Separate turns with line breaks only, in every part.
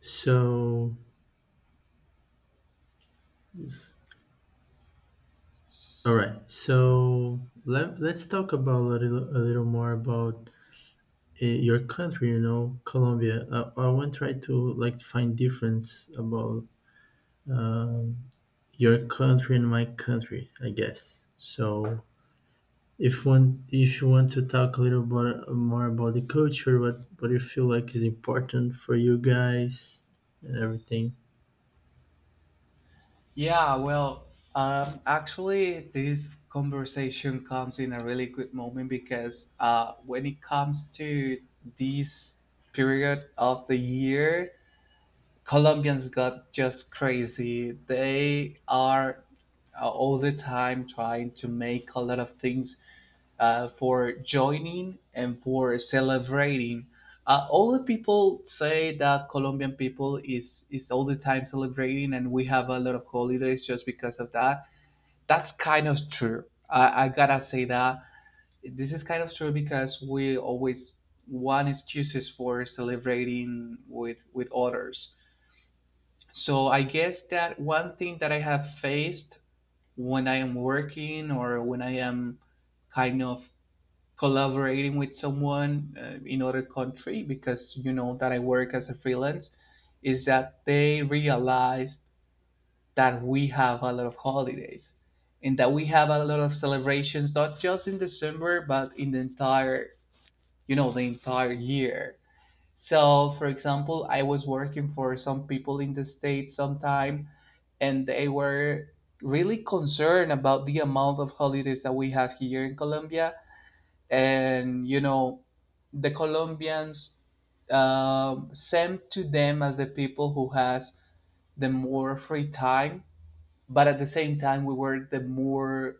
So, yes. All right. So let's talk about a little more about your country. You know, Colombia. I want to try to like find difference about um, your country and my country, I guess. So if one if you want to talk a little bit more about the culture, what you feel like is important for you guys and everything.
Yeah, well, actually, this conversation comes in a really good moment because when it comes to this period of the year, Colombians got just crazy. They are all the time trying to make a lot of things for joining and for celebrating. All the people say that Colombian people is all the time celebrating, and we have a lot of holidays just because of that. That's kind of true. I gotta say that this is kind of true because we always want excuses for celebrating with others, so I guess that one thing that I have faced when I am working or when I am kind of collaborating with someone in other country, because you know that I work as a freelance, is that they realize that we have a lot of holidays and that we have a lot of celebrations not just in December but in the entire year. So, for example, I was working for some people in the states sometime, and they were really concerned about the amount of holidays that we have here in Colombia. And, the Colombians sent to them as the people who has the more free time. But at the same time, we were the more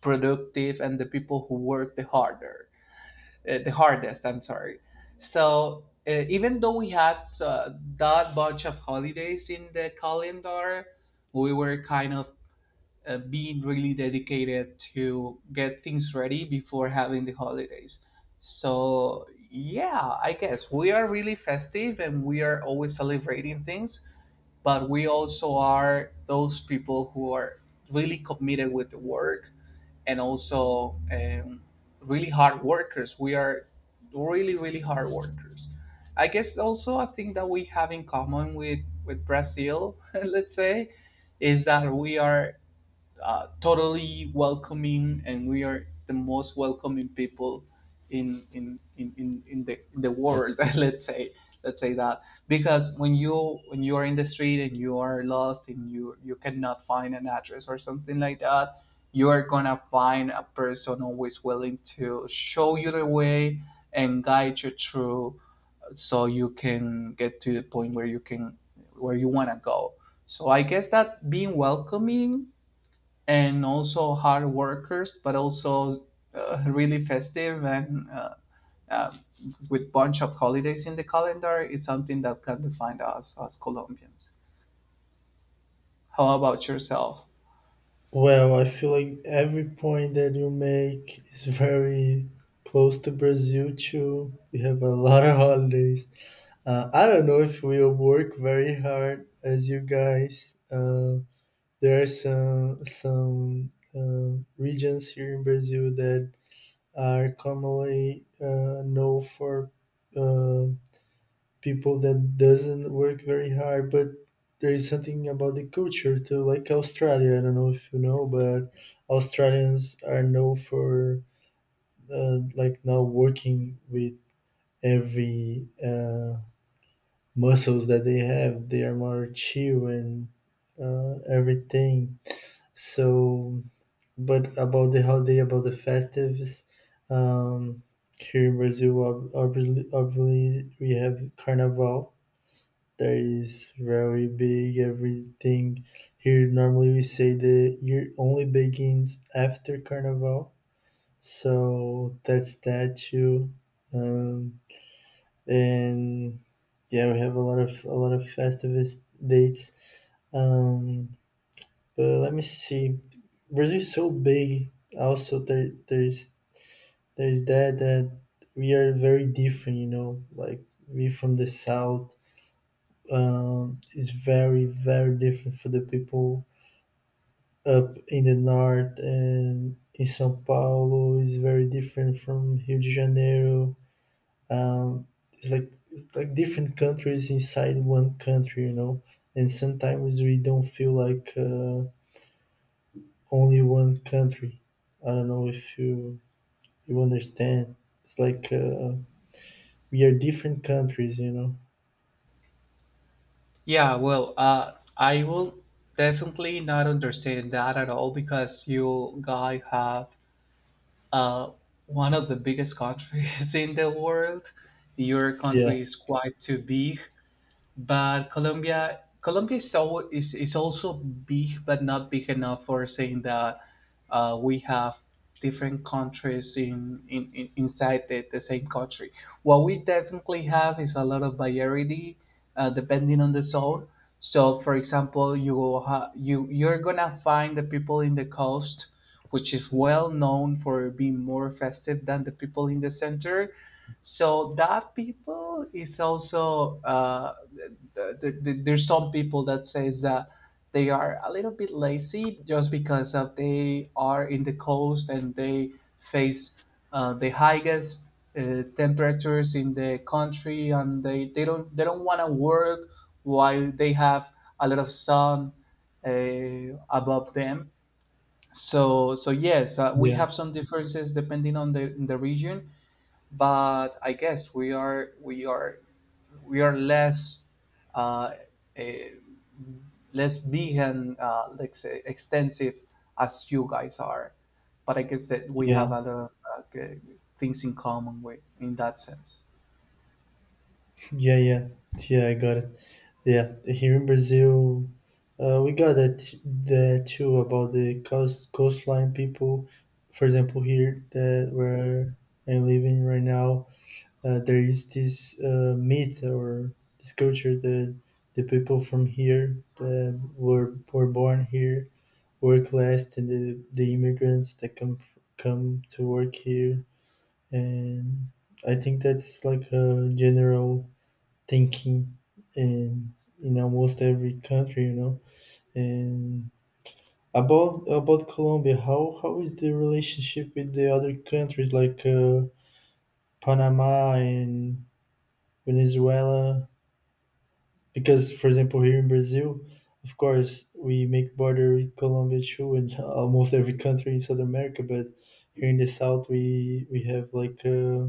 productive and the people who work the harder, the hardest, I'm sorry. So even though we had that bunch of holidays in the calendar, we were kind of being really dedicated to get things ready before having the holidays. So, yeah, I guess we are really festive and we are always celebrating things, but we also are those people who are really committed with the work and also really hard workers. We are really, really hard workers. I guess also a thing that we have in common with Brazil, let's say, is that we are totally welcoming, and we are the most welcoming people in the world. Let's say that because when you are in the street and you are lost and you cannot find an address or something like that, you are gonna find a person always willing to show you the way and guide you through, so you can get to the point where you want to go. So I guess that being welcoming and also hard workers, but also really festive and uh, with bunch of holidays in the calendar, is something that can define us as Colombians. How about yourself?
Well, I feel like every point that you make is very close to Brazil too. We have a lot of holidays. I don't know if we'll work very hard as you guys. There are some regions here in Brazil that are commonly known for uh, people that doesn't work very hard, but there is something about the culture too, like Australia. I don't know if you know, but Australians are known for like now working with every muscles that they have. They are more chill and everything. So but about the holiday, about the festives, um, here in Brazil, obviously we have Carnival. That is very big. Everything here, normally we say the year only begins after Carnival, so that's that too. Um, and yeah, we have a lot of festivist dates. Um, but let me see. Brazil is so big. Also, there's that we are very different. You know, like, we from the south is very very different for the people up in the north, and in São Paulo is very different from Rio de Janeiro. Um, it's like different countries inside one country, you know. And sometimes we don't feel like only one country. I don't know if you understand. It's like we are different countries, you know.
Yeah, well, I will definitely not understand that at all because you guys have uh, one of the biggest countries in the world. Your
Yeah,
country is quite too big, but Colombia is, al- is also big, but not big enough for saying that we have different countries in inside the same country. What we definitely have is a lot of variety, depending on the zone. So, for example, you will ha- you you're gonna find the people in the coast, which is well known for being more festive than the people in the center. So that people is also there's some people that says that they are a little bit lazy just because of they are in the coast and they face the highest temperatures in the country, and they don't want to work while they have a lot of sun above them. So, yes, we
yeah,
have some differences depending on the region, but I guess we are we are less uh, eh, less vegan, let's say, extensive as you guys are. But I guess that we have a
yeah,
lot of uh, g- things in common with in that sense.
yeah, yeah, yeah. I got it. Yeah, here in Brazil, we got that that too about the coastline people. For example, here, that where I'm living right now, there is this myth or this culture that the people from here that were born here work less than the immigrants that come to work here, and I think that's like a general thinking in in almost every country, you know. And about Colombia, how is the relationship with the other countries like Panama and Venezuela? Because, for example, here in Brazil, of course, we make border with Colombia too, and almost every country in South America. But here in the South, we have like.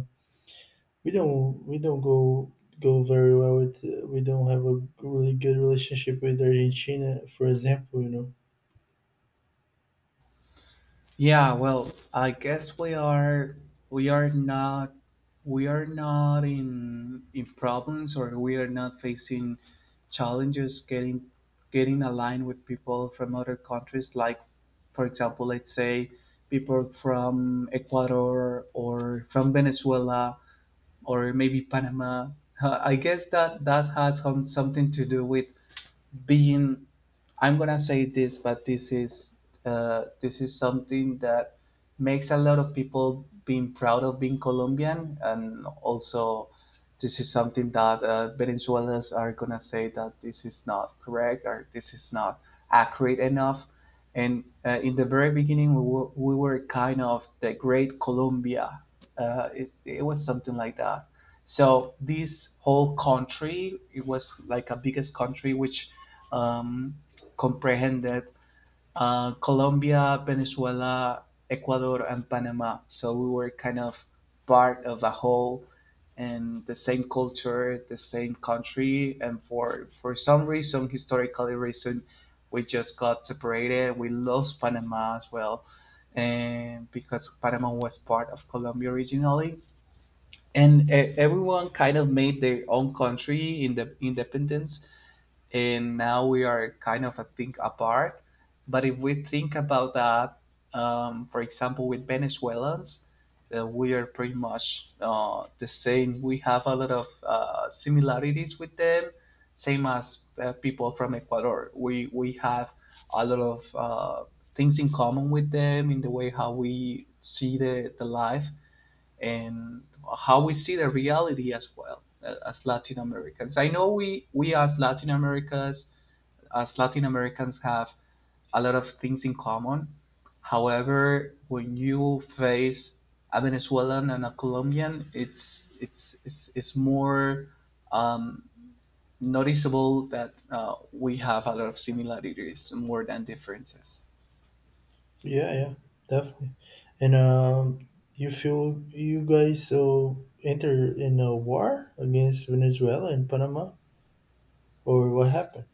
we don't go very well with we don't have a really good relationship with Argentina, for example, you know.
Yeah, well, I guess we are not we are not in problems, or we are not facing challenges getting aligned with people from other countries, like, for example, let's say, people from Ecuador or from Venezuela or maybe Panama. I guess that that has something to do with being. I'm gonna say this, but this is something that makes a lot of people being proud of being Colombian, and also this is something that Venezuelans are gonna say that this is not correct or this is not accurate enough. And in the very beginning, we were kind of the Great Colombia. It was something like that. So this whole country, it was like a biggest country which um, comprehended Colombia, Venezuela, Ecuador, and Panama. So we were kind of part of a whole and the same culture, the same country, and for some reason, historically reason, we just got separated. We lost Panama as well, and because Panama was part of Colombia originally, and everyone kind of made their own country in the independence. And now we are kind of, I think, apart. But if we think about that, for example with Venezuelans, we are pretty much the same. We have a lot of similarities with them, same as people from Ecuador. We have a lot of things in common with them in the way how we see the life, and how we see the reality as well, as Latin Americans. I know we as Latin Americans have a lot of things in common. However, when you face a Venezuelan and a Colombian, it's more um, noticeable that we have a lot of similarities more than differences.
Yeah, yeah, definitely. And you feel you guys so enter in a war against Venezuela and Panama, or what happened?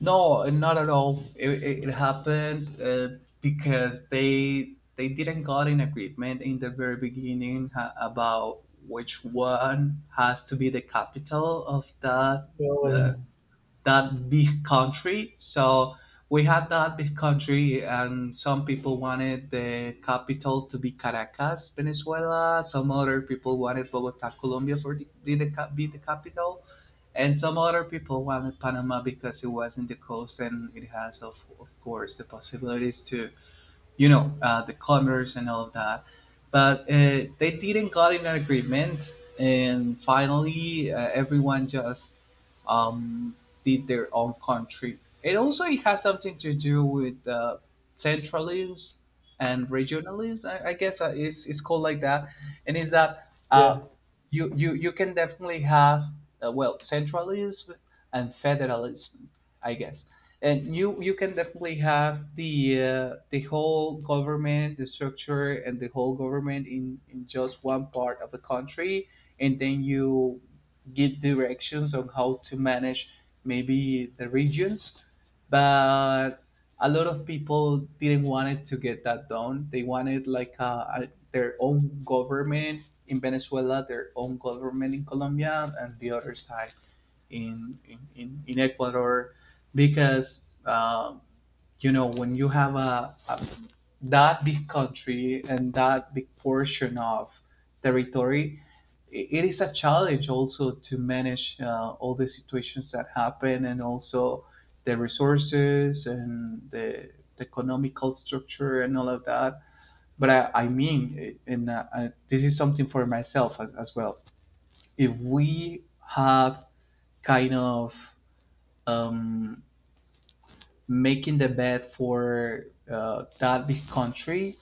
No, not at all. It happened because they didn't got an agreement in the very beginning about which one has to be the capital of that
Oh
uh,
yeah,
that big country. So we had that big country, and some people wanted the capital to be Caracas, Venezuela. Some other people wanted Bogota, Colombia, for the, be the cap- be the capital, and some other people wanted Panama because it was in the coast and it has, of course, the possibilities to the commerce and all of that. But they didn't got in an agreement, and finally, everyone just um, did their own country. And also, it has something to do with centralism and regionalism. I guess it's called like that. And is that
yeah,
you can definitely have, well, centralism and federalism, I guess, and you can definitely have the whole government, the structure and the whole government, in just one part of the country, and then you give directions on how to manage, maybe, the regions. But a lot of people didn't want it to get that done. They wanted like their own government in Venezuela, their own government in Colombia, and the other side in Ecuador, because when you have a that big country and that big portion of territory, it is a challenge also to manage all the situations that happen, and also the resources and the economical structure and all of that. But I mean, this is something for myself as well. If we have kind of um, making the bet for that big country,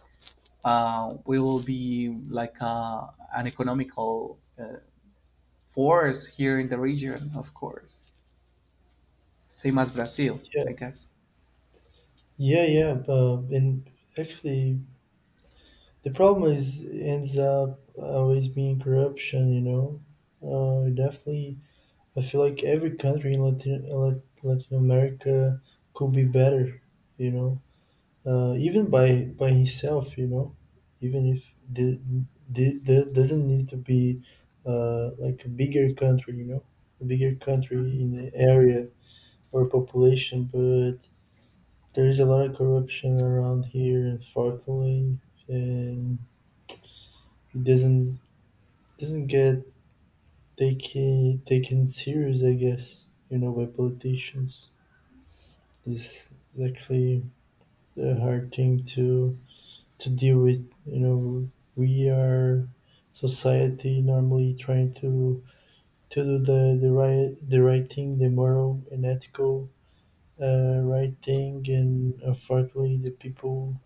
we will be like an economical force here in the region, of course. Same as Brazil,
yeah,
I guess.
yeah, yeah. And actually, the problem is ends up always being corruption, you know. Definitely, I feel like every country in Latin America could be better, you know, even by himself, you know, even if the doesn't need to be like a bigger country, you know, a bigger country in the area or population, but there is a lot of corruption around here, unfortunately, and it doesn't get taken serious, I guess, you know, by politicians. This is actually a hard thing to deal with, you know. We are society normally trying to do the right the right thing, the moral and ethical right thing, and unfortunately the people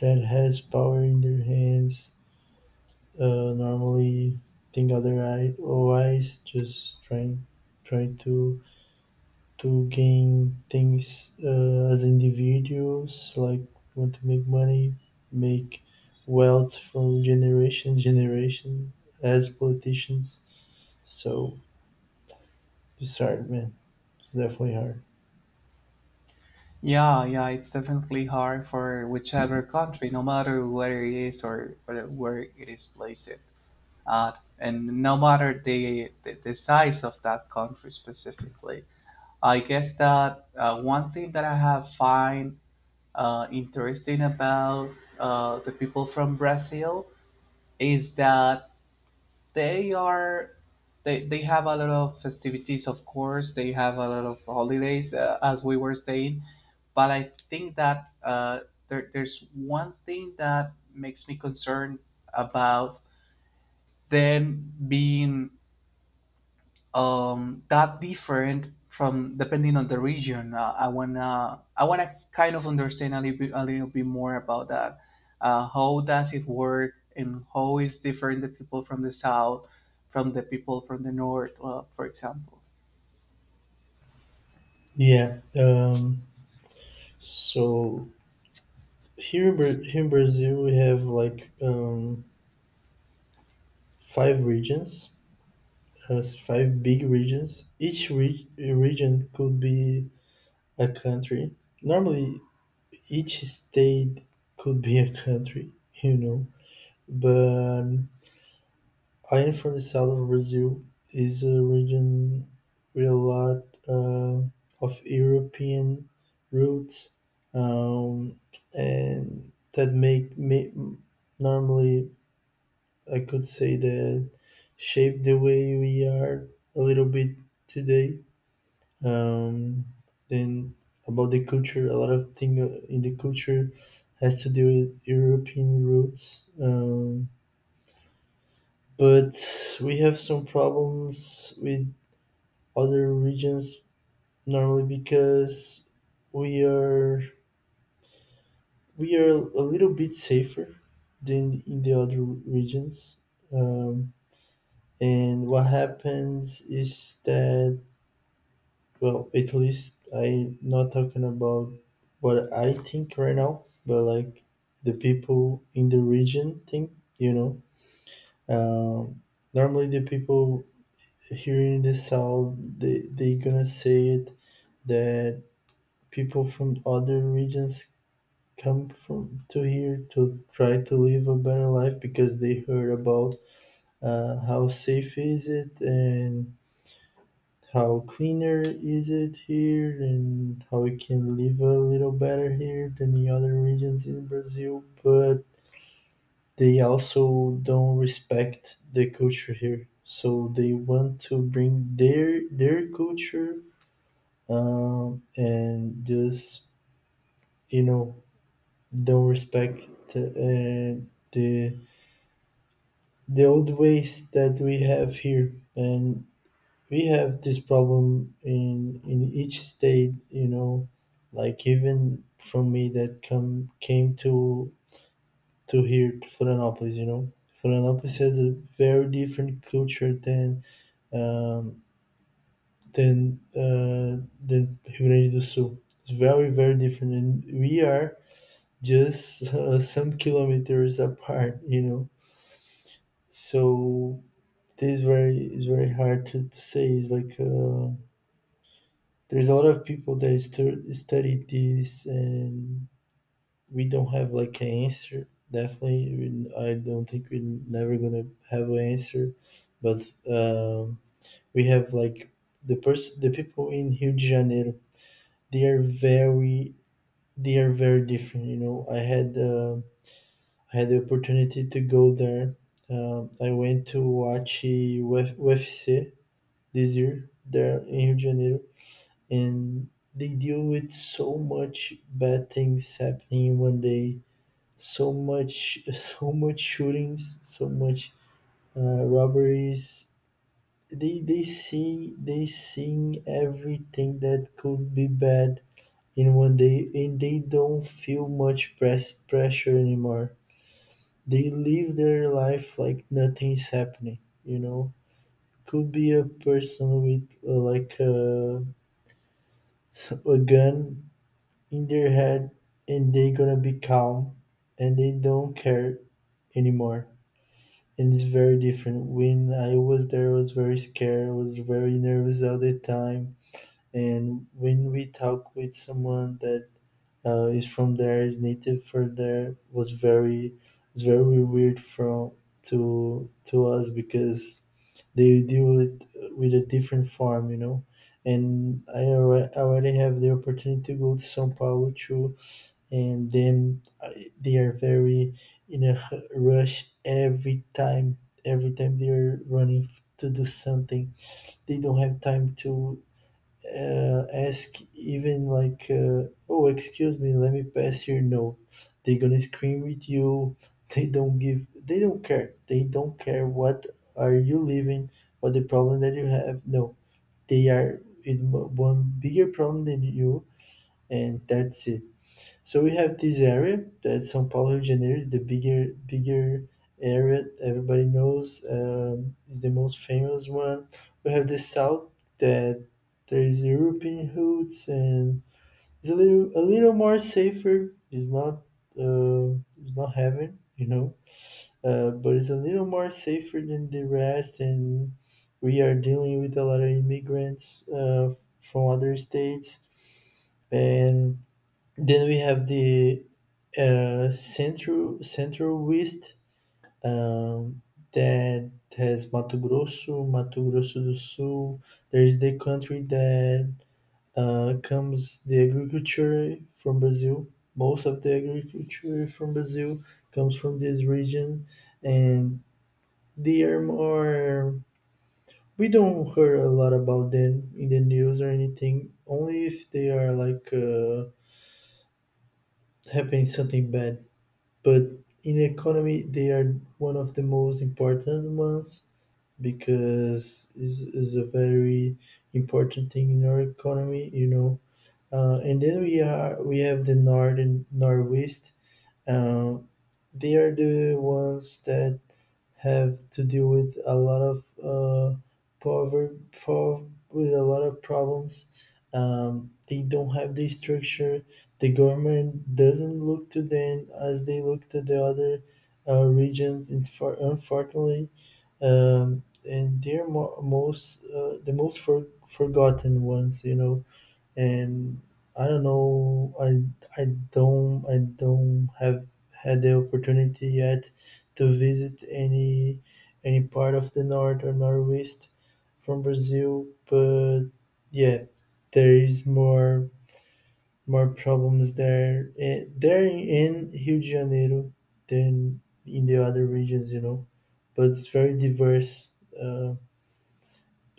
that has power in their hands normally think otherwise, just trying to gain things as individuals, like want to make money, make wealth from generation generation as politicians. So it's hard, man. It's definitely hard.
Yeah, yeah, it's definitely hard for whichever country, no matter where it is or where it is placed at, and no matter the size of that country specifically. I guess that one thing that I have find interesting about the people from Brazil is that they are they have a lot of festivities. Of course they have a lot of holidays, as we were saying, but I think that there's one thing that makes me concerned about them being that different from, depending on the region. I wanna kind of understand a little bit more about that. How does it work, and how is different the people from the south from the people from the north, for example?
Yeah. So here in Brazil, we have like five regions, five big regions. Each region could be a country. Normally, each state could be a country, you know. But I am from the south of Brazil. Is a region with a lot uh, of European roots, um, and that make me normally, I could say that, shape the way we are a little bit today. Um, then about the culture, a lot of thing in the culture has to do with European roots. But we have some problems with other regions normally because we are we are a little bit safer than in the other regions. Um, and what happens is that, well, at least I'm not talking about what I think right now, but like the people in the region think, you know. Um, Normally, the people here in the south, they gonna say it that people from other regions come from to here to try to live a better life because they heard about how safe is it and how cleaner is it here and how we can live a little better here than the other regions in Brazil, but they also don't respect the culture here. So they want to bring their culture and just, you know, don't respect uh, the the old ways that we have here. And we have this problem in each state, you know, like, even from me, that come came to here, to Florianopolis, you know. Florianopolis has a very different culture um than uh than Rio Grande do Sul. It's very very different, and we are just some kilometers apart, you know. So this very is very hard to say. It's like there's a lot of people that study this, and we don't have like an answer. Definitely, I don't think we're never gonna have an answer, but we have like the person, the people in Rio de Janeiro. They are very, they are very different. You know, I had the opportunity to go there. I went to watch this year there in Rio de Janeiro, and they deal with so much bad things happening in one day, so much so much shootings, so much robberies. They see they seeing everything that could be bad in one day, and they don't feel much press pressure anymore. They live their life like nothing's happening, you know. Could be a person with like a gun in their head, and they gonna be calm, and they don't care anymore. And it's very different. When I was there, I was very scared, I was very nervous all the time. And when we talk with someone that is from there, is native for there, was very, it's very weird from to us because they deal it with a different form, you know. And I already have the opportunity to go to Sao Paulo to. And then they are very in a rush every time. Every time, they are running to do something. They don't have time to ask even like, oh, excuse me, let me pass here. No, they're gonna scream with you. They don't give they don't care. They don't care what are you living, what the problem that you have. No, they are in one bigger problem than you, and that's it. So we have this area that São Paulo, Rio de Janeiro is the bigger area, everybody knows, is the most famous one. We have the south, that there is European roots, and it's a little more safer. It's not heaven, you know, but it's a little more safer than the rest. And we are dealing with a lot of immigrants from other states. And then we have the central west, um, that has Mato Grosso, Mato Grosso do Sul. There is the country that comes the agriculture from Brazil. Most of the agriculture from Brazil comes from this region, and they are more. We don't hear a lot about them in the news or anything. Only if they are like happening something bad. But in economy, they are one of the most important ones because is a very important thing in our economy, you know. And then we are we have the north and northwest. Uh, they are the ones that have to deal with a lot of poverty power, with a lot of problems. They don't have the structure. The government doesn't look to them as they look to the other regions. In for, unfortunately, and they're most the most forgotten ones, you know. And I don't know. I don't I don't have had the opportunity yet to visit any part of the north or northeast from Brazil, but yeah, there is more problems there, there in Rio de Janeiro, than in the other regions, you know. But it's very diverse. Uh,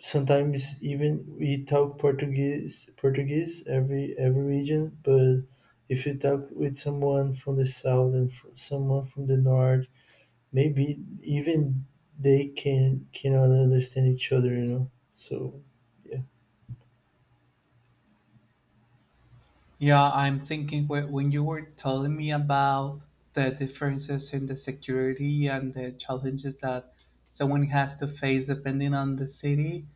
Sometimes even we talk Portuguese every region, but if you talk with someone from the south and someone from the north, maybe even they can cannot understand each other, you know. So yeah.
Yeah, I'm thinking when you were telling me about the differences in the security and the challenges that someone has to face depending on the city,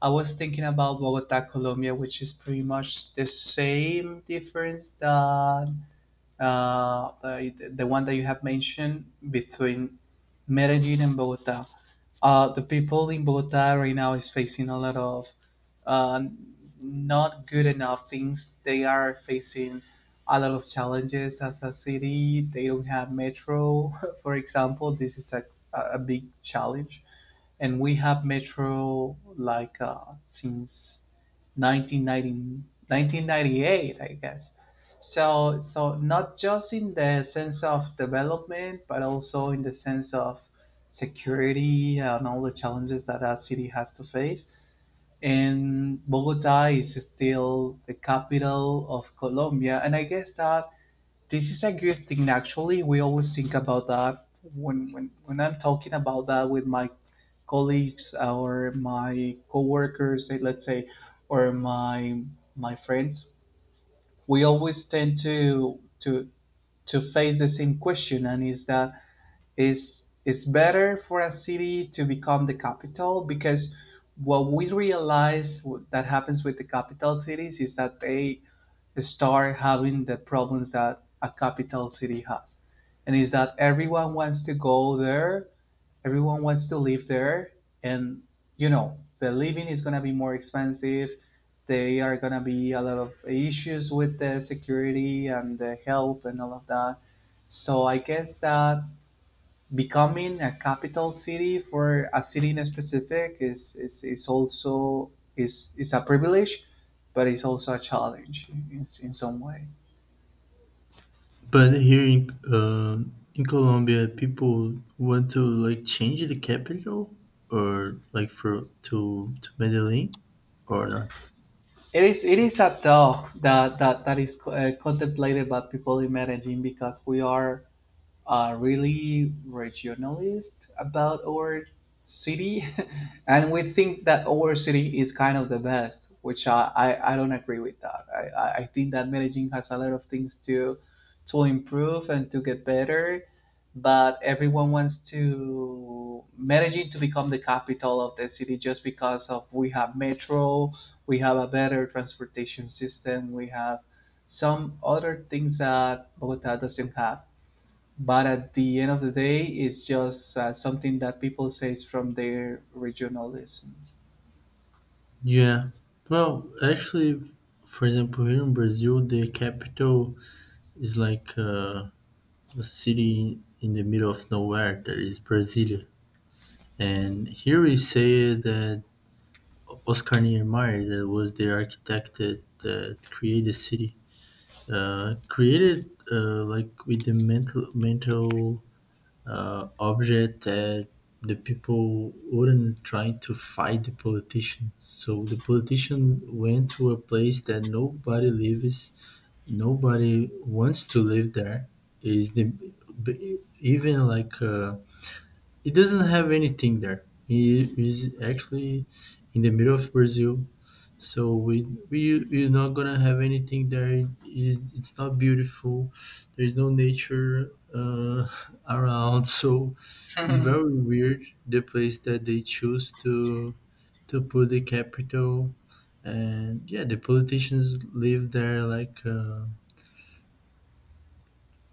I was thinking about Bogota, Colombia, which is pretty much the same difference that the one that you have mentioned between Medellin and Bogota. The people in Bogota right now is facing a lot of uh, not good enough things. They are facing a lot of challenges as a city. They don't have metro, for example. This is a big challenge, and we have Metro like since 1990 1998, I guess. So, not just in the sense of development, but also in the sense of security and all the challenges that that city has to face. And Bogota is still the capital of Colombia, and I guess that this is a good thing actually. We always think about that when I'm talking about that with my colleagues, or my coworkers, let's say, or my friends. We always tend to face the same question, and is that is it's better for a city to become the capital, because what we realize that happens with the capital cities is that they start having the problems that a capital city has. And is that everyone wants to go there, everyone wants to live there, and the living is gonna be more expensive. They are gonna be a lot of issues with the security and the health and all of that. So I guess that becoming a capital city for a city in specific is also is a privilege, but it's also a challenge in some way.
But here in Colombia, people want to like change the capital or like for to Medellin, or not?
It is a thought that is contemplated by people in Medellin, because we are really regionalist about our city. And we think that our city is kind of the best, which I don't agree with that. I think that Medellin has a lot of things to improve and to get better. But everyone wants to Medellin to become the capital of the city just because of we have metro, we have a better transportation system, we have some other things that Bogota doesn't have. But at the end of the day, it's just something that people say from their regionalism.
Yeah. Well, actually, for example, here in Brazil, the capital is like a city in the middle of nowhere, that is Brasilia. And here we say that Oscar Niemeyer, that was the architect that that created the city, created like with the mental object, that the people wouldn't try to fight the politician. So the politician went to a place that nobody lives, nobody wants to live there. Is the even like it doesn't have anything there. It is actually in the middle of Brazil. So we're not gonna have anything there. It's not beautiful. There is no nature around. So it's very weird, the place that they choose to put the capital. And yeah, the politicians live there like uh,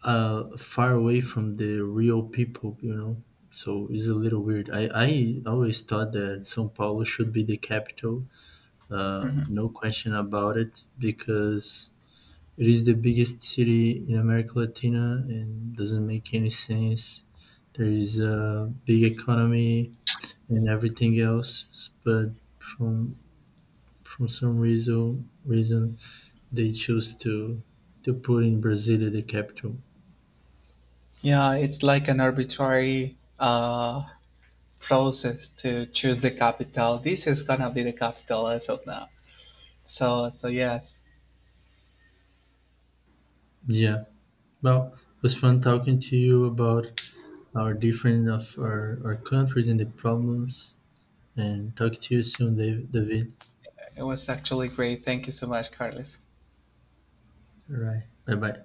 uh, far away from the real people, you know. So it's a little weird. I always thought that São Paulo should be the capital,
Mhm.
no question about it, because it is the biggest city in America Latina and doesn't make any sense. There is a big economy and everything else, but from from some reason they choose to put in Brasilia the capital.
Yeah, it's like an arbitrary process to choose the capital. This is gonna be the capital as of now. So, yes,
Yeah. Well, it was fun talking to you about our different of our countries and the problems. And talk to you soon, David.
it was actually great. Thank you so much, Carlos.
All right. Bye bye.